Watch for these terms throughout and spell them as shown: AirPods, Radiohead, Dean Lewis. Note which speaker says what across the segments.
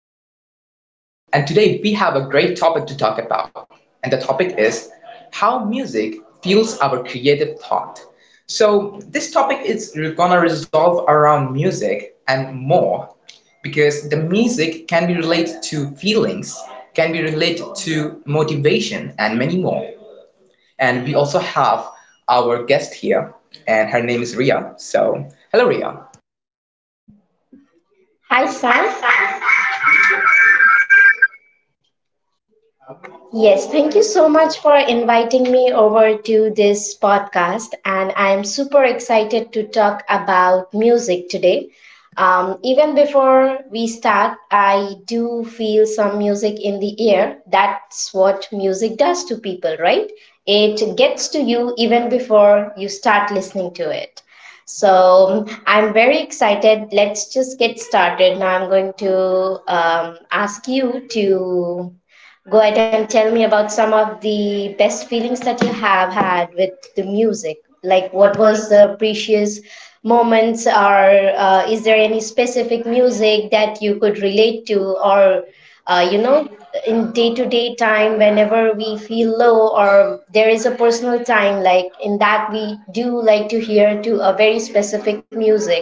Speaker 1: This is me, Sam, and today we have a great topic to talk about. And the topic is how music fuels our creative thought. So, this topic is gonna resolve around music and more because the music can be related to feelings, can be related to motivation, and many more. And we also have our guest here, and her name is Ria. So, hello, Ria.
Speaker 2: Hi, Sam. Yes, thank you so much for inviting me over to this podcast. And I'm super excited to talk about music today. Even before we start, I do feel some music in the air. That's what music does to people, right? It gets to you even before you start listening to it. So I'm very excited. Let's just get started. Now I'm going to ask you to go ahead and tell me about some of the best feelings that you have had with the music. Like, what
Speaker 1: What
Speaker 2: was
Speaker 1: was
Speaker 2: the precious moments, or is there any specific music that you could relate to, or uh, you know, in day to day time, whenever we feel low, or there is a personal time, like in that we do like to hear to a very specific music,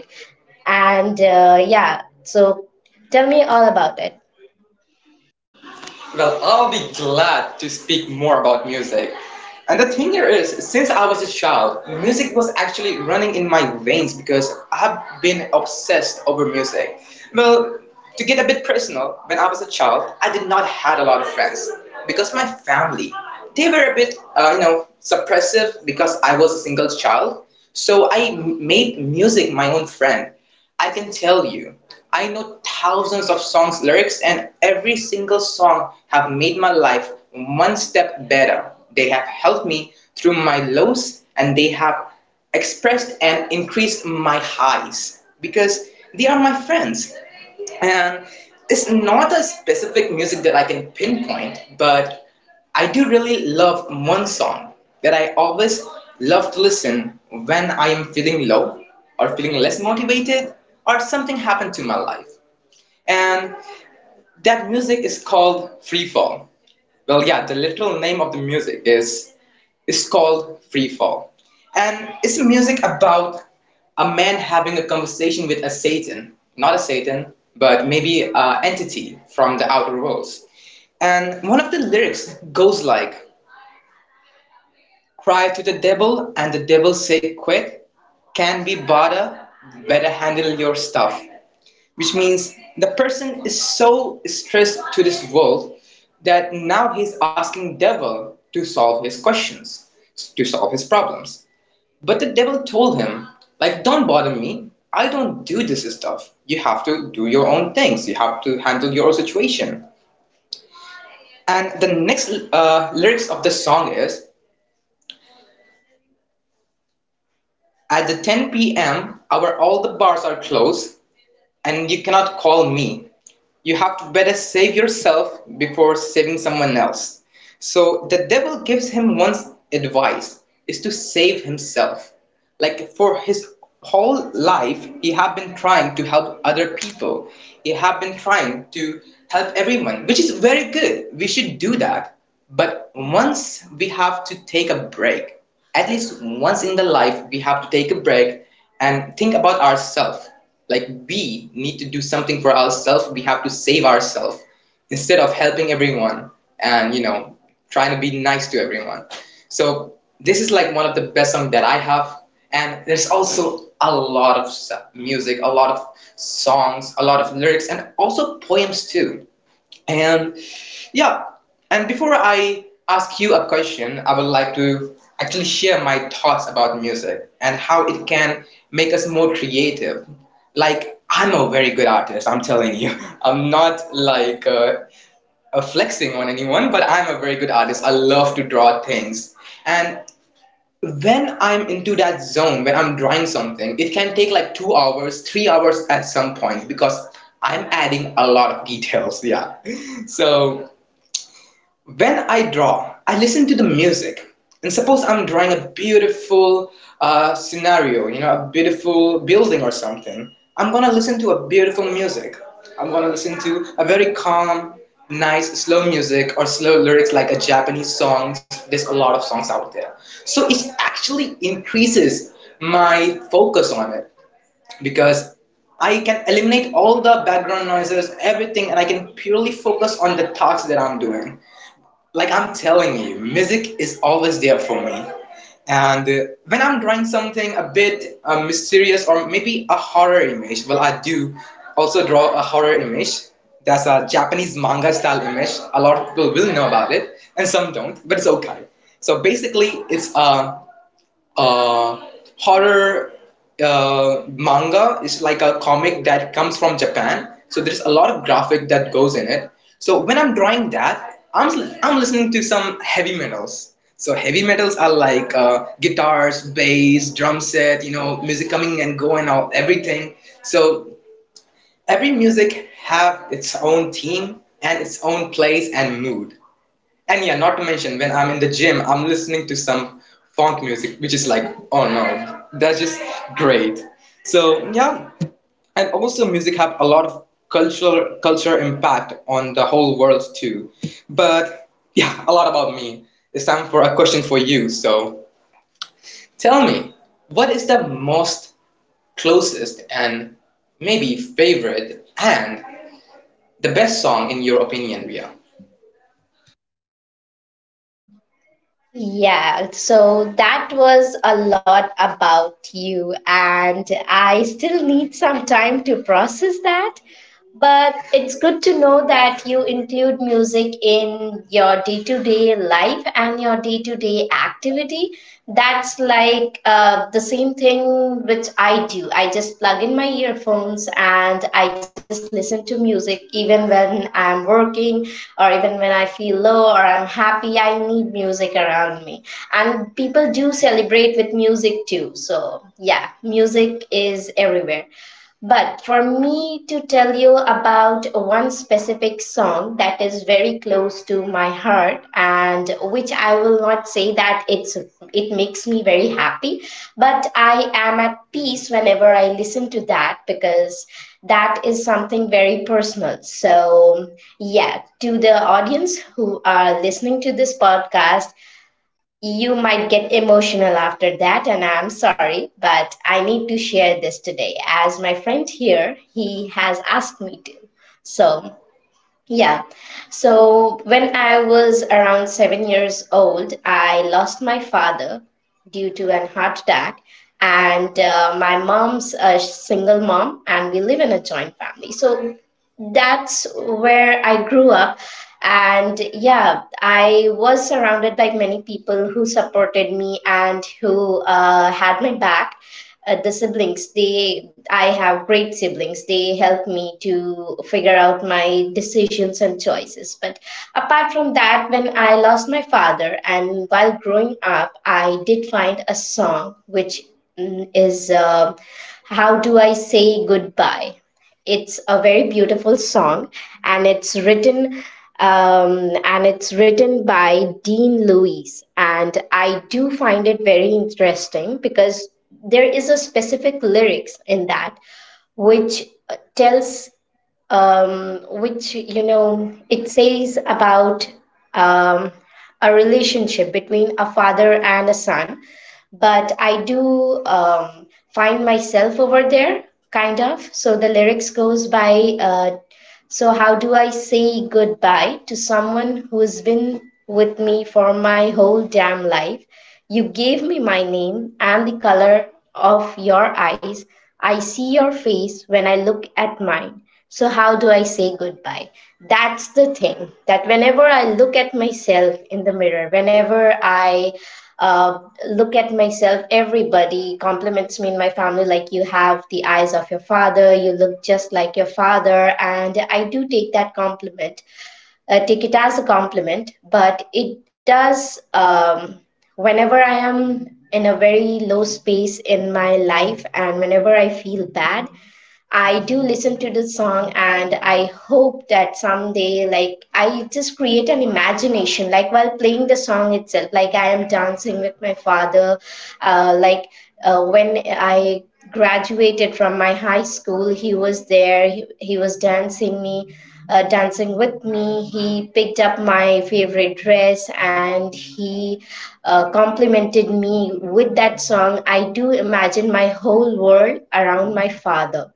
Speaker 2: so tell me all about it.
Speaker 1: Well, I'll be glad to speak more about music. And the thing here is, since I was a child, music was actually running in my veins because I've been obsessed over music. Well, to get a bit personal, when I was a child, I did not had a lot of friends because my family, they were a bit, suppressive because I was a single child. So I made music my own friend. I can tell you, I know thousands of songs lyrics and every single song have made my life one step better. They have helped me through my lows and they have expressed and increased my highs because they are my friends. And it's not a specific music that I can pinpoint, but I do really love one song that I always love to listen when I am feeling low or feeling less motivated or something happened to my life, and that music is called free fall. Well, yeah, the literal name of the music is called free fall. And it's a music about a man having a conversation with a satan, not a satan, but maybe a entity from the outer worlds. And one of the lyrics goes like, cry to the devil and the devil say quit, can be bother, better handle your stuff. Which means the person is so stressed to this world that now he's asking devil to solve his questions, to solve his problems. But the devil told him, like, don't bother me, I don't do this stuff, you have to do your own things, you have to handle your own situation. And the next lyrics of the song is, at the 10 p.m our all the bars are closed and you cannot call me, you have to better save yourself before saving someone else. So the devil gives him one advice, is to save himself. Like, for his whole life, he have been trying to help other people. He have been trying to help everyone, which is very good. We should do that. But once we have to take a break, at least once in the life, we have to take a break and think about ourselves. Like, we need to do something for ourselves. We have to save ourselves instead of helping everyone and, you know, trying to be nice to everyone. So this is like one of the best songs that I have, and there's also a lot of music, a lot of songs, a lot of lyrics, and also poems too. And yeah, and before I ask you a question, I would like to actually share my thoughts about music and how it can make us more creative. Like, I'm a very good artist, I'm telling you. I'm not like flexing on anyone, but I'm a very good artist. I love to draw things. And when I'm into that zone, when I'm drawing something, it can take like 2 hours, 3 hours at some point because I'm adding a lot of details. Yeah. So when I draw, I listen to the music. And suppose I'm drawing a beautiful scenario, you know, a beautiful building or something. I'm gonna listen to a beautiful music. I'm gonna listen to a very calm, nice, slow music or slow lyrics like a Japanese songs. There's a lot of songs out there. So it actually increases my focus on it because I can eliminate all the background noises, everything, and I can purely focus on the tasks that I'm doing. Like, I'm telling you, music is always there for me. And when I'm drawing something a bit mysterious or maybe a horror image, well, I do also draw a horror image. That's a Japanese manga style image. A lot of people will know about it, and some don't, but it's okay. So basically, it's a uh, horror manga is like a comic that comes from Japan, so there's a lot of graphic that goes in it. So when I'm drawing that, I'm listening to some heavy metals. So heavy metals are like guitars, bass, drum set, you know, music coming and going, all everything. So every music have its own theme and its own place and mood. And yeah, not to mention, when I'm in the gym, I'm listening to some funk music, which is like, oh no, that's just great. So yeah, and also music have a lot of cultural culture impact on the whole world too. But yeah, a lot about me. It's time for a question for you. So tell me, what is the most closest and maybe favorite and the best song in your opinion, Ria?
Speaker 2: Yeah, so that was a lot about you, and I still need some time to process that. But it's good to know that you include music in your day to day life and your day to day activity. That's like the same thing which I do. I just plug in my earphones and I just listen to music even when I'm working or even when I feel low or I'm happy. I need music around me. And people do celebrate with music too. So, yeah, music is everywhere. But for me to tell you about one specific song that is very close to my heart and which I will not say that it makes me very happy, but I am at peace whenever I listen to that because that is something very personal. So yeah, to the audience who are listening to this podcast, you might get emotional after that, and I'm sorry, but I need to share this today as my friend here, he has asked me to. So, yeah. So when I was around 7 years old, I lost my father due to an heart attack, and my mom's a single mom, and we live in a joint family. So that's where I grew up. And yeah, I was surrounded by many people who supported me and who had my back, the siblings, they I have great siblings, they help me to figure out my decisions and choices, but apart from that, when I lost my father and while growing up, I did find a song which mm, is how do I say goodbye. It's a very beautiful song, and it's written and it's written by Dean Lewis. And I do find it very interesting because there is a specific lyrics in that which tells, which, you know, it says about, um, a relationship between a father and a son, but I do, find myself over there, kind of. So the lyrics goes by, so how do I say goodbye to someone who's been with me for my whole damn life. You gave me my name and the color of your eyes. I see your face when I look at mine. So, how do I say goodbye? That's the thing, that whenever I look at myself in the mirror, whenever I uh, look at myself, everybody compliments me in my family like, you have the eyes of your father, you look just like your father. And I do take that compliment, take it as a compliment, but it does. Whenever I am in a very low space in my life and whenever I feel bad, I do listen to the song and I hope that someday, like I just create an imagination, like while playing the song itself, like I am dancing with my father, uh, like when I graduated from my high school, he was there, he was dancing me, dancing with me, he picked up my favorite dress and he complimented me with that song. I do imagine my whole world around my father.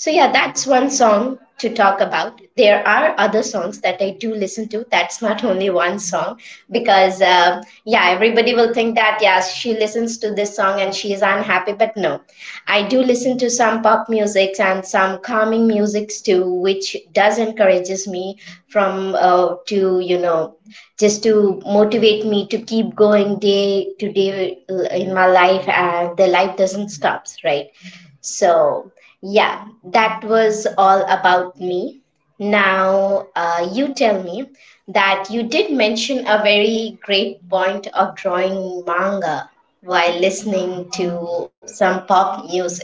Speaker 2: So, yeah, that's one song to talk about. There are other songs that I do listen to. That's not only one song because, yeah, everybody will think that, yes, she listens to this song and she is unhappy. But no, I do listen to some pop music and some calming musics too, which does encourages me from to, you know, just to motivate me to keep going day to day in my life, and the life doesn't stops, right? So, yeah, that was all about me. Now, you tell me that you did mention a very great point of drawing manga while listening to some pop music.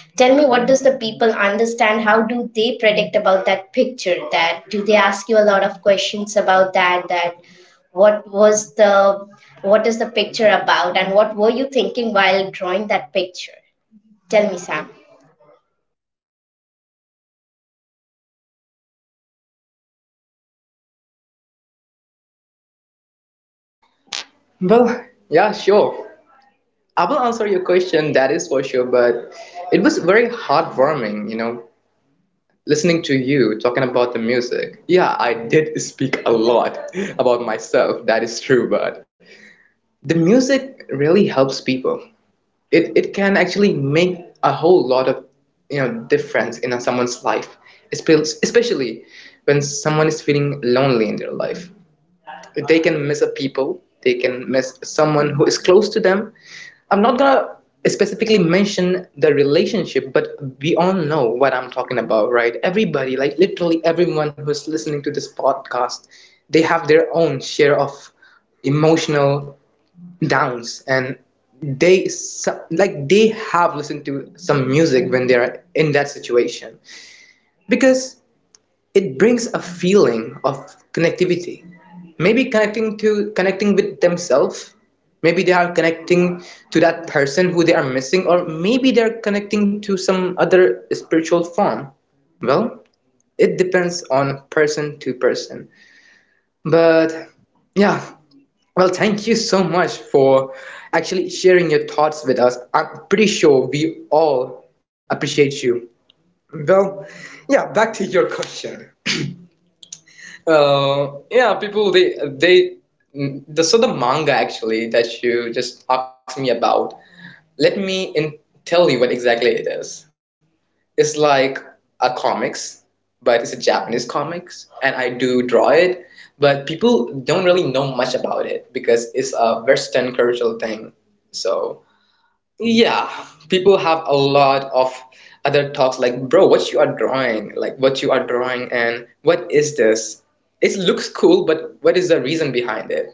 Speaker 2: Tell me, what does the people understand? How do they predict about that picture? That do they ask you a lot of questions about that? That what was the what is the picture about, and what were you thinking while drawing that picture? Tell me, Sam.
Speaker 1: Well, yeah, sure. I will answer your question, that is for sure, but it was very heartwarming, you know, listening to you talking about the music. Yeah, I did speak a lot about myself, that is true, but the music really helps people. It can actually make a whole lot of, you know, difference in someone's life, especially when someone is feeling lonely in their life. They can miss a people, they can miss someone who is close to them. I'm not gonna specifically mention the relationship, but we all know what I'm talking about, right? Everybody, like literally everyone who's listening to this podcast, they have their own share of emotional downs, and like they have listened to some music when they're in that situation, because it brings a feeling of connectivity, maybe connecting to connecting with themselves, maybe they are connecting to that person who they are missing, or maybe they're connecting to some other spiritual form. Well, it depends on person to person. But yeah, well, thank you so much for actually sharing your thoughts with us. I'm pretty sure we all appreciate you. Well, yeah, back to your question. Yeah, people they mm, the so the manga actually that you just asked me about. Let me in, Tell you what exactly it is. It's like a comics, but it's a Japanese comics, and I do draw it. But people don't really know much about it because it's a Western cultural thing. So yeah, people have a lot of other talks like, bro, what you are drawing, like what you are drawing, and what is this? It looks cool, but what is the reason behind it?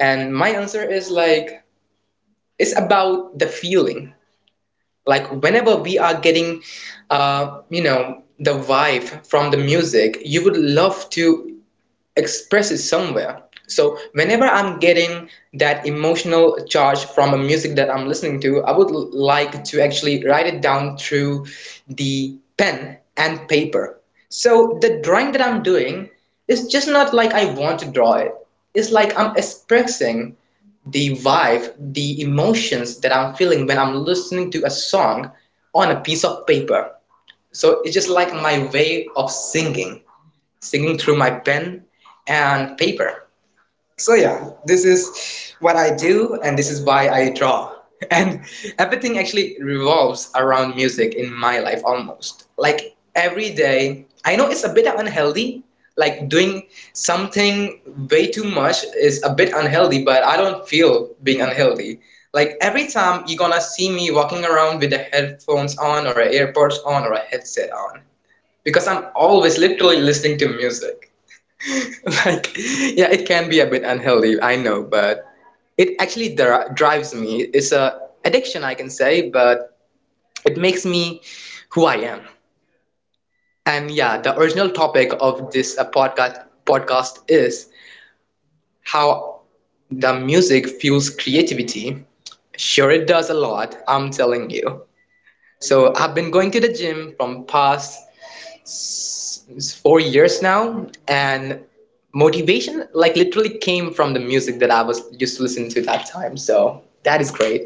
Speaker 1: And my answer is like, it's about the feeling. Like, whenever we are getting, you know, the vibe from the music, you would love to express it somewhere. So whenever I'm getting that emotional charge from a music that I'm listening to, I would like to actually write it down through the pen and paper. So the drawing that I'm doing is just not like I want to draw it. It's like I'm expressing the vibe, the emotions that I'm feeling when I'm listening to a song on a piece of paper. So it's just like my way of singing, through my pen and paper. So yeah, this is what I do and this is why I draw. And everything actually revolves around music in my life almost. Like every day, I know it's a bit unhealthy, like doing something way too much is a bit unhealthy, but I don't feel being unhealthy. Like every time you're gonna see me walking around with the headphones on or AirPods on or a headset on because I'm always literally listening to music. Like, yeah, it can be a bit unhealthy, I know, but it actually drives me. It's a addiction, I can say, but it makes me who I am. And yeah, the original topic of this podcast is how the music fuels creativity. Sure, it does a lot, I'm telling you. So I've been going to the gym from past It's 4 years now, and motivation like literally came from the music that I was used to listen to that time. So that is great.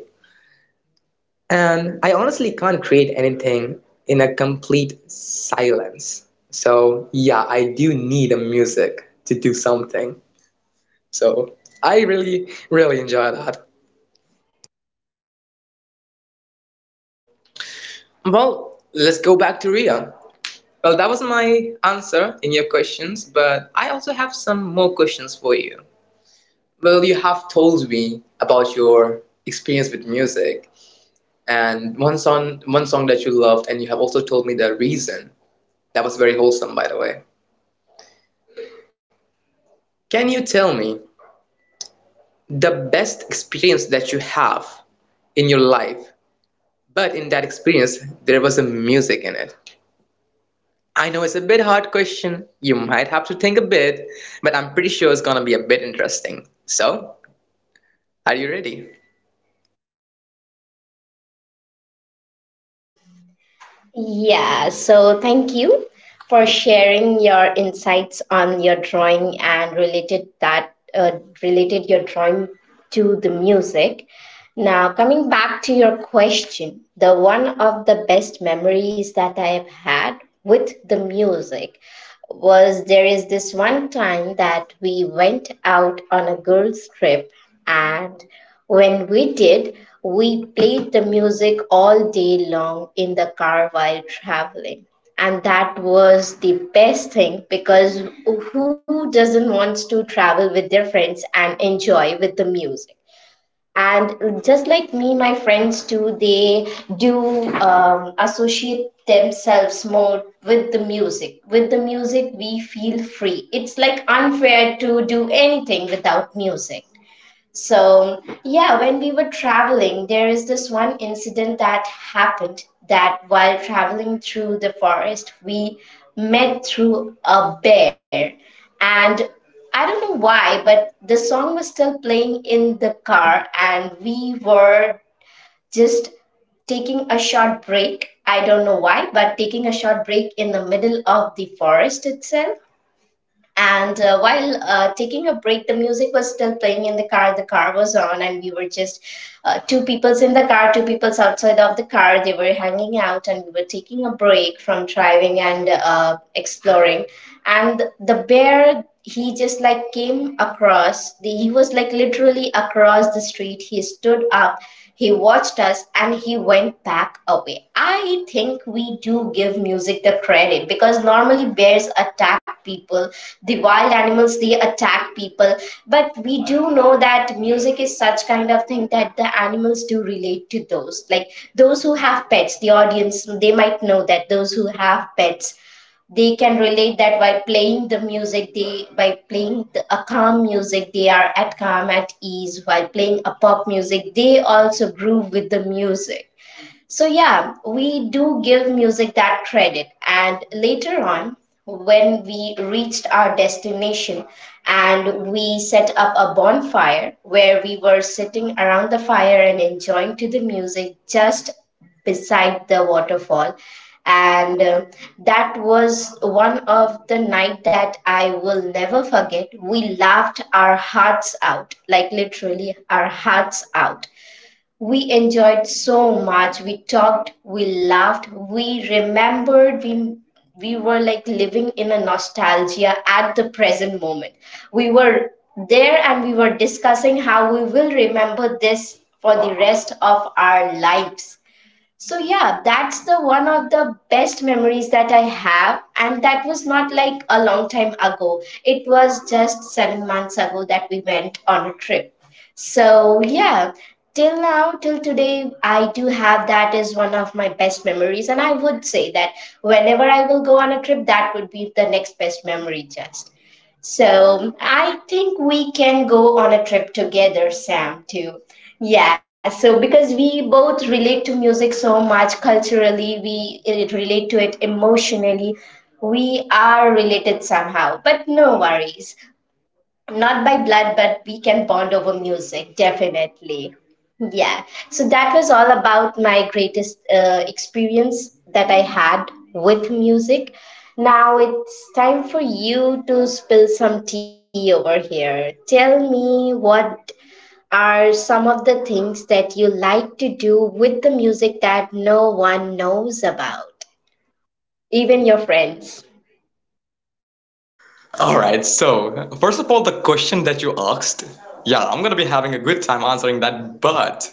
Speaker 1: And I honestly can't create anything in a complete silence. So yeah, I do need a music to do something. So I really really enjoy that. Well, let's go back to Ria. Well, that was my answer in your questions, but I also have some more questions for you. Well, you have told me about your experience with music and one song that you loved, and you have also told me the reason. That was very wholesome, by the way. Can you tell me the best experience that you have in your life, but in that experience there was a music in it? I know it's a bit hard question. You might have to think a bit, but I'm pretty sure it's going to be a bit interesting. So, are you ready?
Speaker 2: Yeah, so thank you for sharing your insights on your drawing and related your drawing to the music. Now, coming back to your question, the one of the best memories that I have had with the music was there is this one time that we went out on a girls' trip, and when we did, we played the music all day long in the car while traveling. And that was the best thing because who doesn't want to travel with their friends and enjoy with the music? And just like me, my friends too, they do associate themselves more with the music. With the music, we feel free. It's like unfair to do anything without music. So, yeah, when we were traveling, there is this one incident that happened, that while traveling through the forest, we met through a bear. And I don't know why, but the song was still playing in the car, and we were just taking a short break. I don't know why, but taking a short break in the middle of the forest itself. And while taking a break, the music was still playing in the car. The car was on, and we were just two peoples in the car, two peoples outside of the car. They were hanging out, and we were taking a break from driving and exploring. And the bear, he just like came across. He was like literally across the street. He stood up, he watched us, and he went back. I think we do give music the credit because normally bears attack people, the wild animals they attack people, but we do know that music is such kind of thing that the animals do relate to those. Like those who have pets, the audience they might know, that those who have pets, they can relate that by playing the music, they by playing the, a calm music they are at calm at ease, while playing a pop music they also groove with the music. So, yeah, we do give music that credit. And later on, when we reached our destination and we set up a bonfire where we were sitting around the fire and enjoying to the music just beside the waterfall, and that was one of the night that I will never forget. We laughed our hearts out, like literally our hearts out, we enjoyed so much. We talked, we laughed, we remembered, we were like living in a nostalgia at the present moment. We were there and we were discussing how we will remember this for the rest of our lives. So yeah, that's the one of the best memories that I have, and that was not like a long time ago. It was just 7 months ago that we went on a trip. So yeah, till now, till today, I do have that as one of my best memories, and I would say that whenever I will go on a trip, that would be the next best memory just. So I think we can go on a trip together, Sam, too. Yeah, so because we both relate to music so much culturally, we relate to it emotionally, we are related somehow. But no worries, not by blood, but we can bond over music, definitely. Yeah. So that was all about my greatest experience that I had with music. Now it's time for you to spill some tea over here. Tell me what are some of the things that you like to do with the music that no one knows about, even your friends.
Speaker 1: All right, so first of all, the question that you asked, yeah, I'm gonna be having a good time answering that, but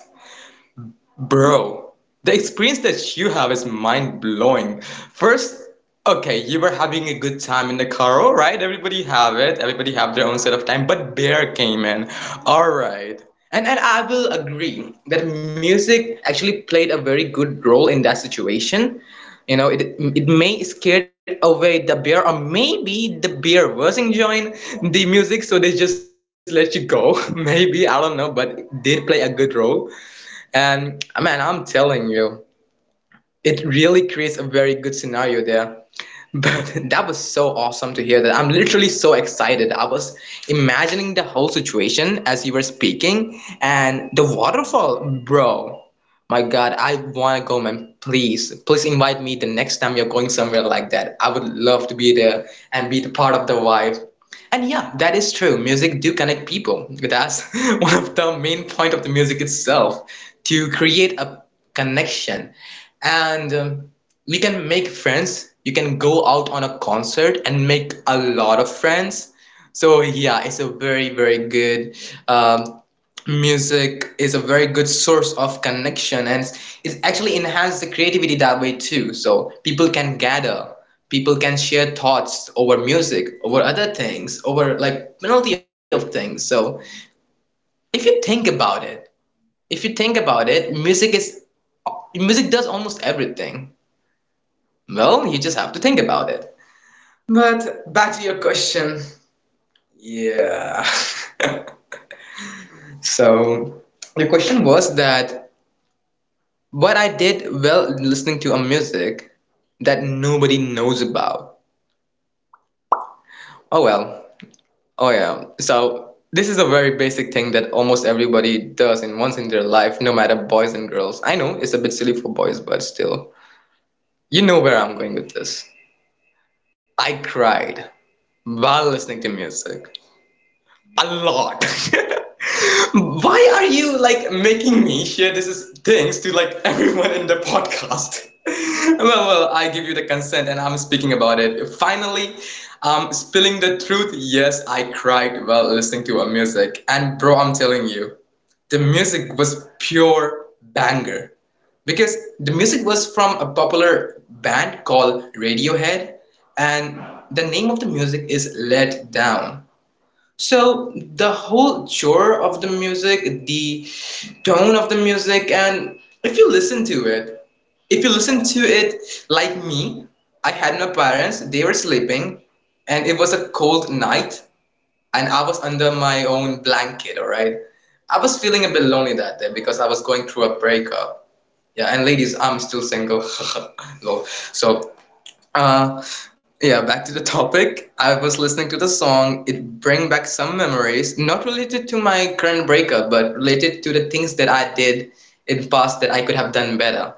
Speaker 1: bro, the experience that you have is mind-blowing. First, okay, you were having a good time in the car, all right? Everybody have it. Everybody have their own set of time, but bear came in. All right. And I will agree that music actually played a very good role in that situation. You know, it may scared away the bear, or maybe the bear was enjoying the music, so they just let you go. Maybe I don't know, but it did play a good role. And man, I'm telling you, it really creates a very good scenario there. But that was so awesome to hear that. I'm literally so excited. I was imagining the whole situation as you were speaking and the waterfall, bro. My God, I want to go, man. Please, please invite me the next time you're going somewhere like that. I would love to be there and be the part of the vibe. And yeah, that is true. Music do connect people. That's one of the main point of the music itself, to create a connection. And we can make friends. You can go out on a concert and make a lot of friends. So yeah, it's a very very good um, music is a very good source of connection and it actually enhances the creativity that way too. So people can gather, people can share thoughts over music, over other things, over like plenty of things. So if you think about it, if you think about it, music is music does almost everything. Well, you just have to think about it. But back to your question. Yeah. So the question was that what I did while listening to a music that nobody knows about. Oh well. Oh yeah. So this is a very basic thing that almost everybody does in once in their life, no matter boys and girls. I know it's a bit silly for boys, but still. You know where I'm going with this. I cried while listening to music. A lot. Why are you like making me share this things to like everyone in the podcast? Well, I give you the consent and I'm speaking about it. Finally, spilling the truth. Yes, I cried while listening to a music. And bro, I'm telling you, the music was pure banger because the music was from a popular band called Radiohead, and the name of the music is Let Down. So the whole genre of the music, the tone of the music, and if you listen to it, if you listen to it like me, I had my parents, they were sleeping, and it was a cold night, and I was under my own blanket, all right? I was feeling a bit lonely that day because I was going through a breakup. Yeah, and ladies, I'm still single. Lol. So uh, yeah, back to the topic. I was listening to the song. It bring back some memories, not related to my current breakup, but related to the things that I did in past that I could have done better.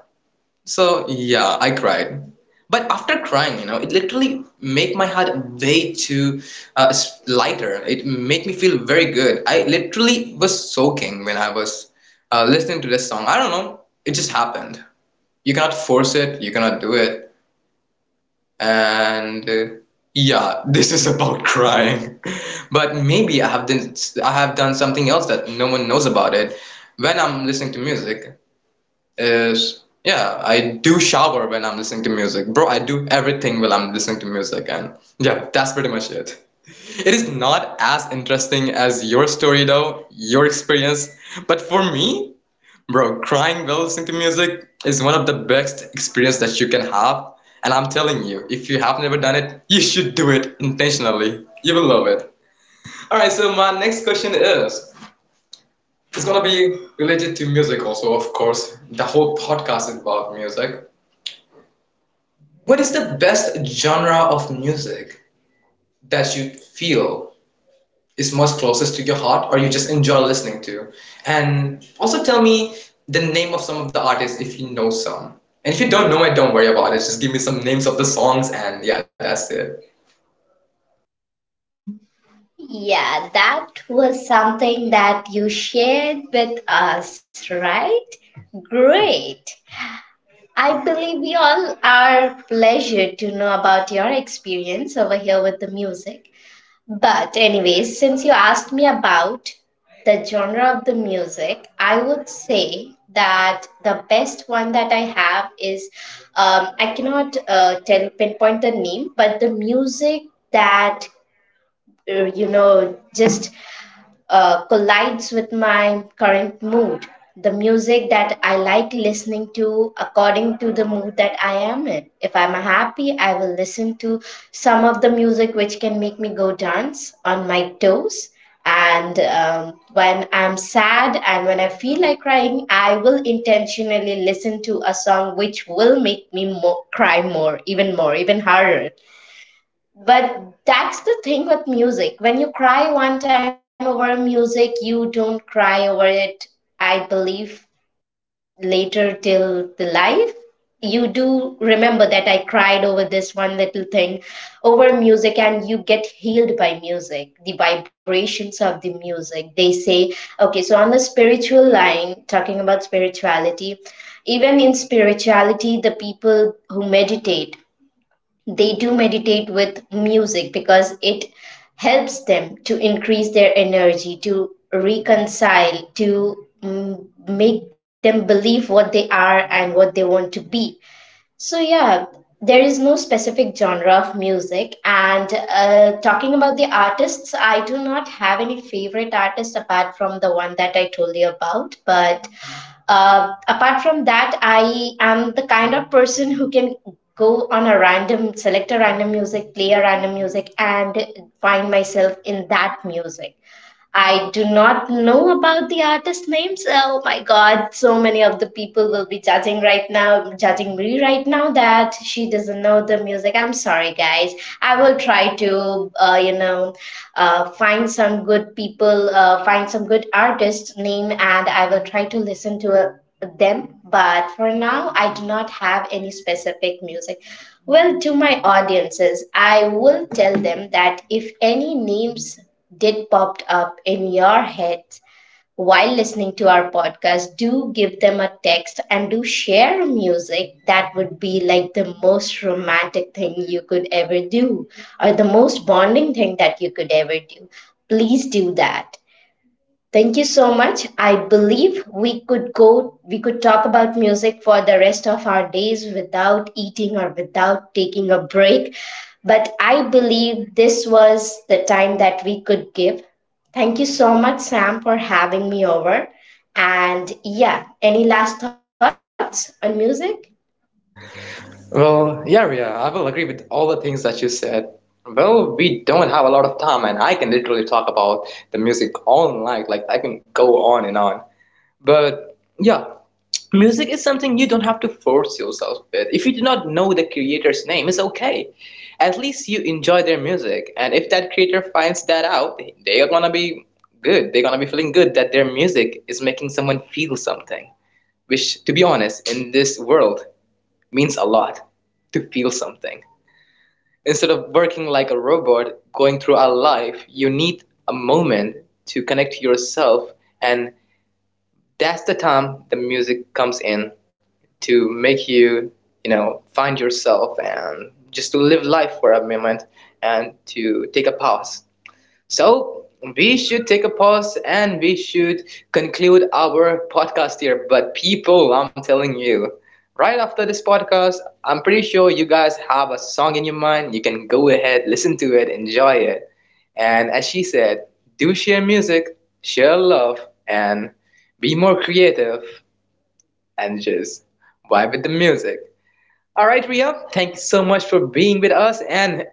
Speaker 1: So yeah, I cried. But after crying, you know, it literally make my heart way too lighter. It make me feel very good. I literally was soaking when I was listening to this song. I don't know. It just happened. You cannot force it. You cannot do it and yeah, this is about crying, but maybe I have done something else that no one knows about it when I'm listening to music. Is, yeah, I do shower when I'm listening to music, bro. I do everything while I'm listening to music. And yeah, that's pretty much it. It is not as interesting as your story, though, your experience, but for me, bro, crying while listening to music is one of the best experience that you can have. And I'm telling you, if you have never done it, you should do it intentionally. You will love it. Alright, so my next question is it's gonna be related to music also, of course. The whole podcast is about music. What is the best genre of music that you feel is most closest to your heart or you just enjoy listening to? And also tell me the name of some of the artists if you know some. And if you don't know it, don't worry about it. Just give me some names of the songs and yeah, that's it.
Speaker 2: Yeah, that was something that you shared with us, right? Great. I believe we all are pleasured to know about your experience over here with the music. But anyways, since you asked me about the genre of the music, I would say that the best one that I have is, I cannot tell pinpoint the name, but the music that you know, just collides with my current mood. The music that I like listening to according to the mood that I am in. If I'm happy, I will listen to some of the music which can make me go dance on my toes. And when I'm sad and when I feel like crying, I will intentionally listen to a song which will make me cry more, even harder. But that's the thing with music. When you cry one time over music, you don't cry over it, I believe, later till the life. You do remember that I cried over this one little thing, over music, and you get healed by music, the vibrations of the music. They say, okay, so on the spiritual line, talking about spirituality, even in spirituality, the people who meditate, they do meditate with music because it helps them to increase their energy, to reconcile, to make them believe what they are and what they want to be. So yeah, there is no specific genre of music, and talking about the artists, I do not have any favorite artist apart from the one that I told you about. But apart from that, I am the kind of person who can go on a random, select a random music, play a random music, and find myself in that music. I do not know about the artist names. Oh my god, so many of the people will be judging right now, judging me right now, that she doesn't know the music. I'm sorry, guys. I will try to, find some good people, find some good artist name, and I will try to listen to them. But for now, I do not have any specific music. Well, to my audiences, I will tell them that if any names did popped up in your head while listening to our podcast, do give them a text and do share a music. That would be like the most romantic thing you could ever do, or the most bonding thing that you could ever do. Please do that. Thank you so much. I believe we could talk about music for the rest of our days without eating or without taking a break. But I believe this was the time that we could give. Thank you so much, Sam, for having me over. And yeah, any last thoughts on music?
Speaker 1: Well, yeah, Ria, I will agree with all the things that you said. Well, we don't have a lot of time, and I can literally talk about the music all night. Like, I can go on and on. But yeah, music is something you don't have to force yourself with. If you do not know the creator's name, it's okay. At least you enjoy their music. And if that creator finds that out, they are gonna be good. They're gonna be feeling good that their music is making someone feel something. Which, to be honest, in this world means a lot to feel something. Instead of working like a robot, going through our life, you need a moment to connect to yourself, and that's the time the music comes in to make you, you know, find yourself and just to live life for a moment and to take a pause. So we should take a pause and we should conclude our podcast here. But people, I'm telling you, right after this podcast, I'm pretty sure you guys have a song in your mind. You can go ahead, listen to it, enjoy it. And as she said, do share music, share love, and be more creative and just vibe with the music. All right, Ria, thank you so much for being with us. And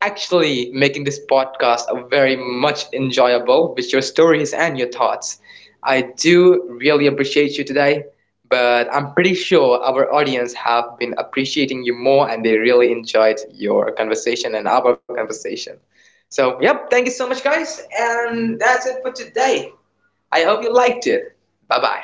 Speaker 1: actually making this podcast a very much enjoyable with your stories and your thoughts. I do really appreciate you today, but I'm pretty sure our audience have been appreciating you more and they really enjoyed your conversation and our conversation. So, yep, thank you so much, guys, and that's it for today. I hope you liked it. Bye bye.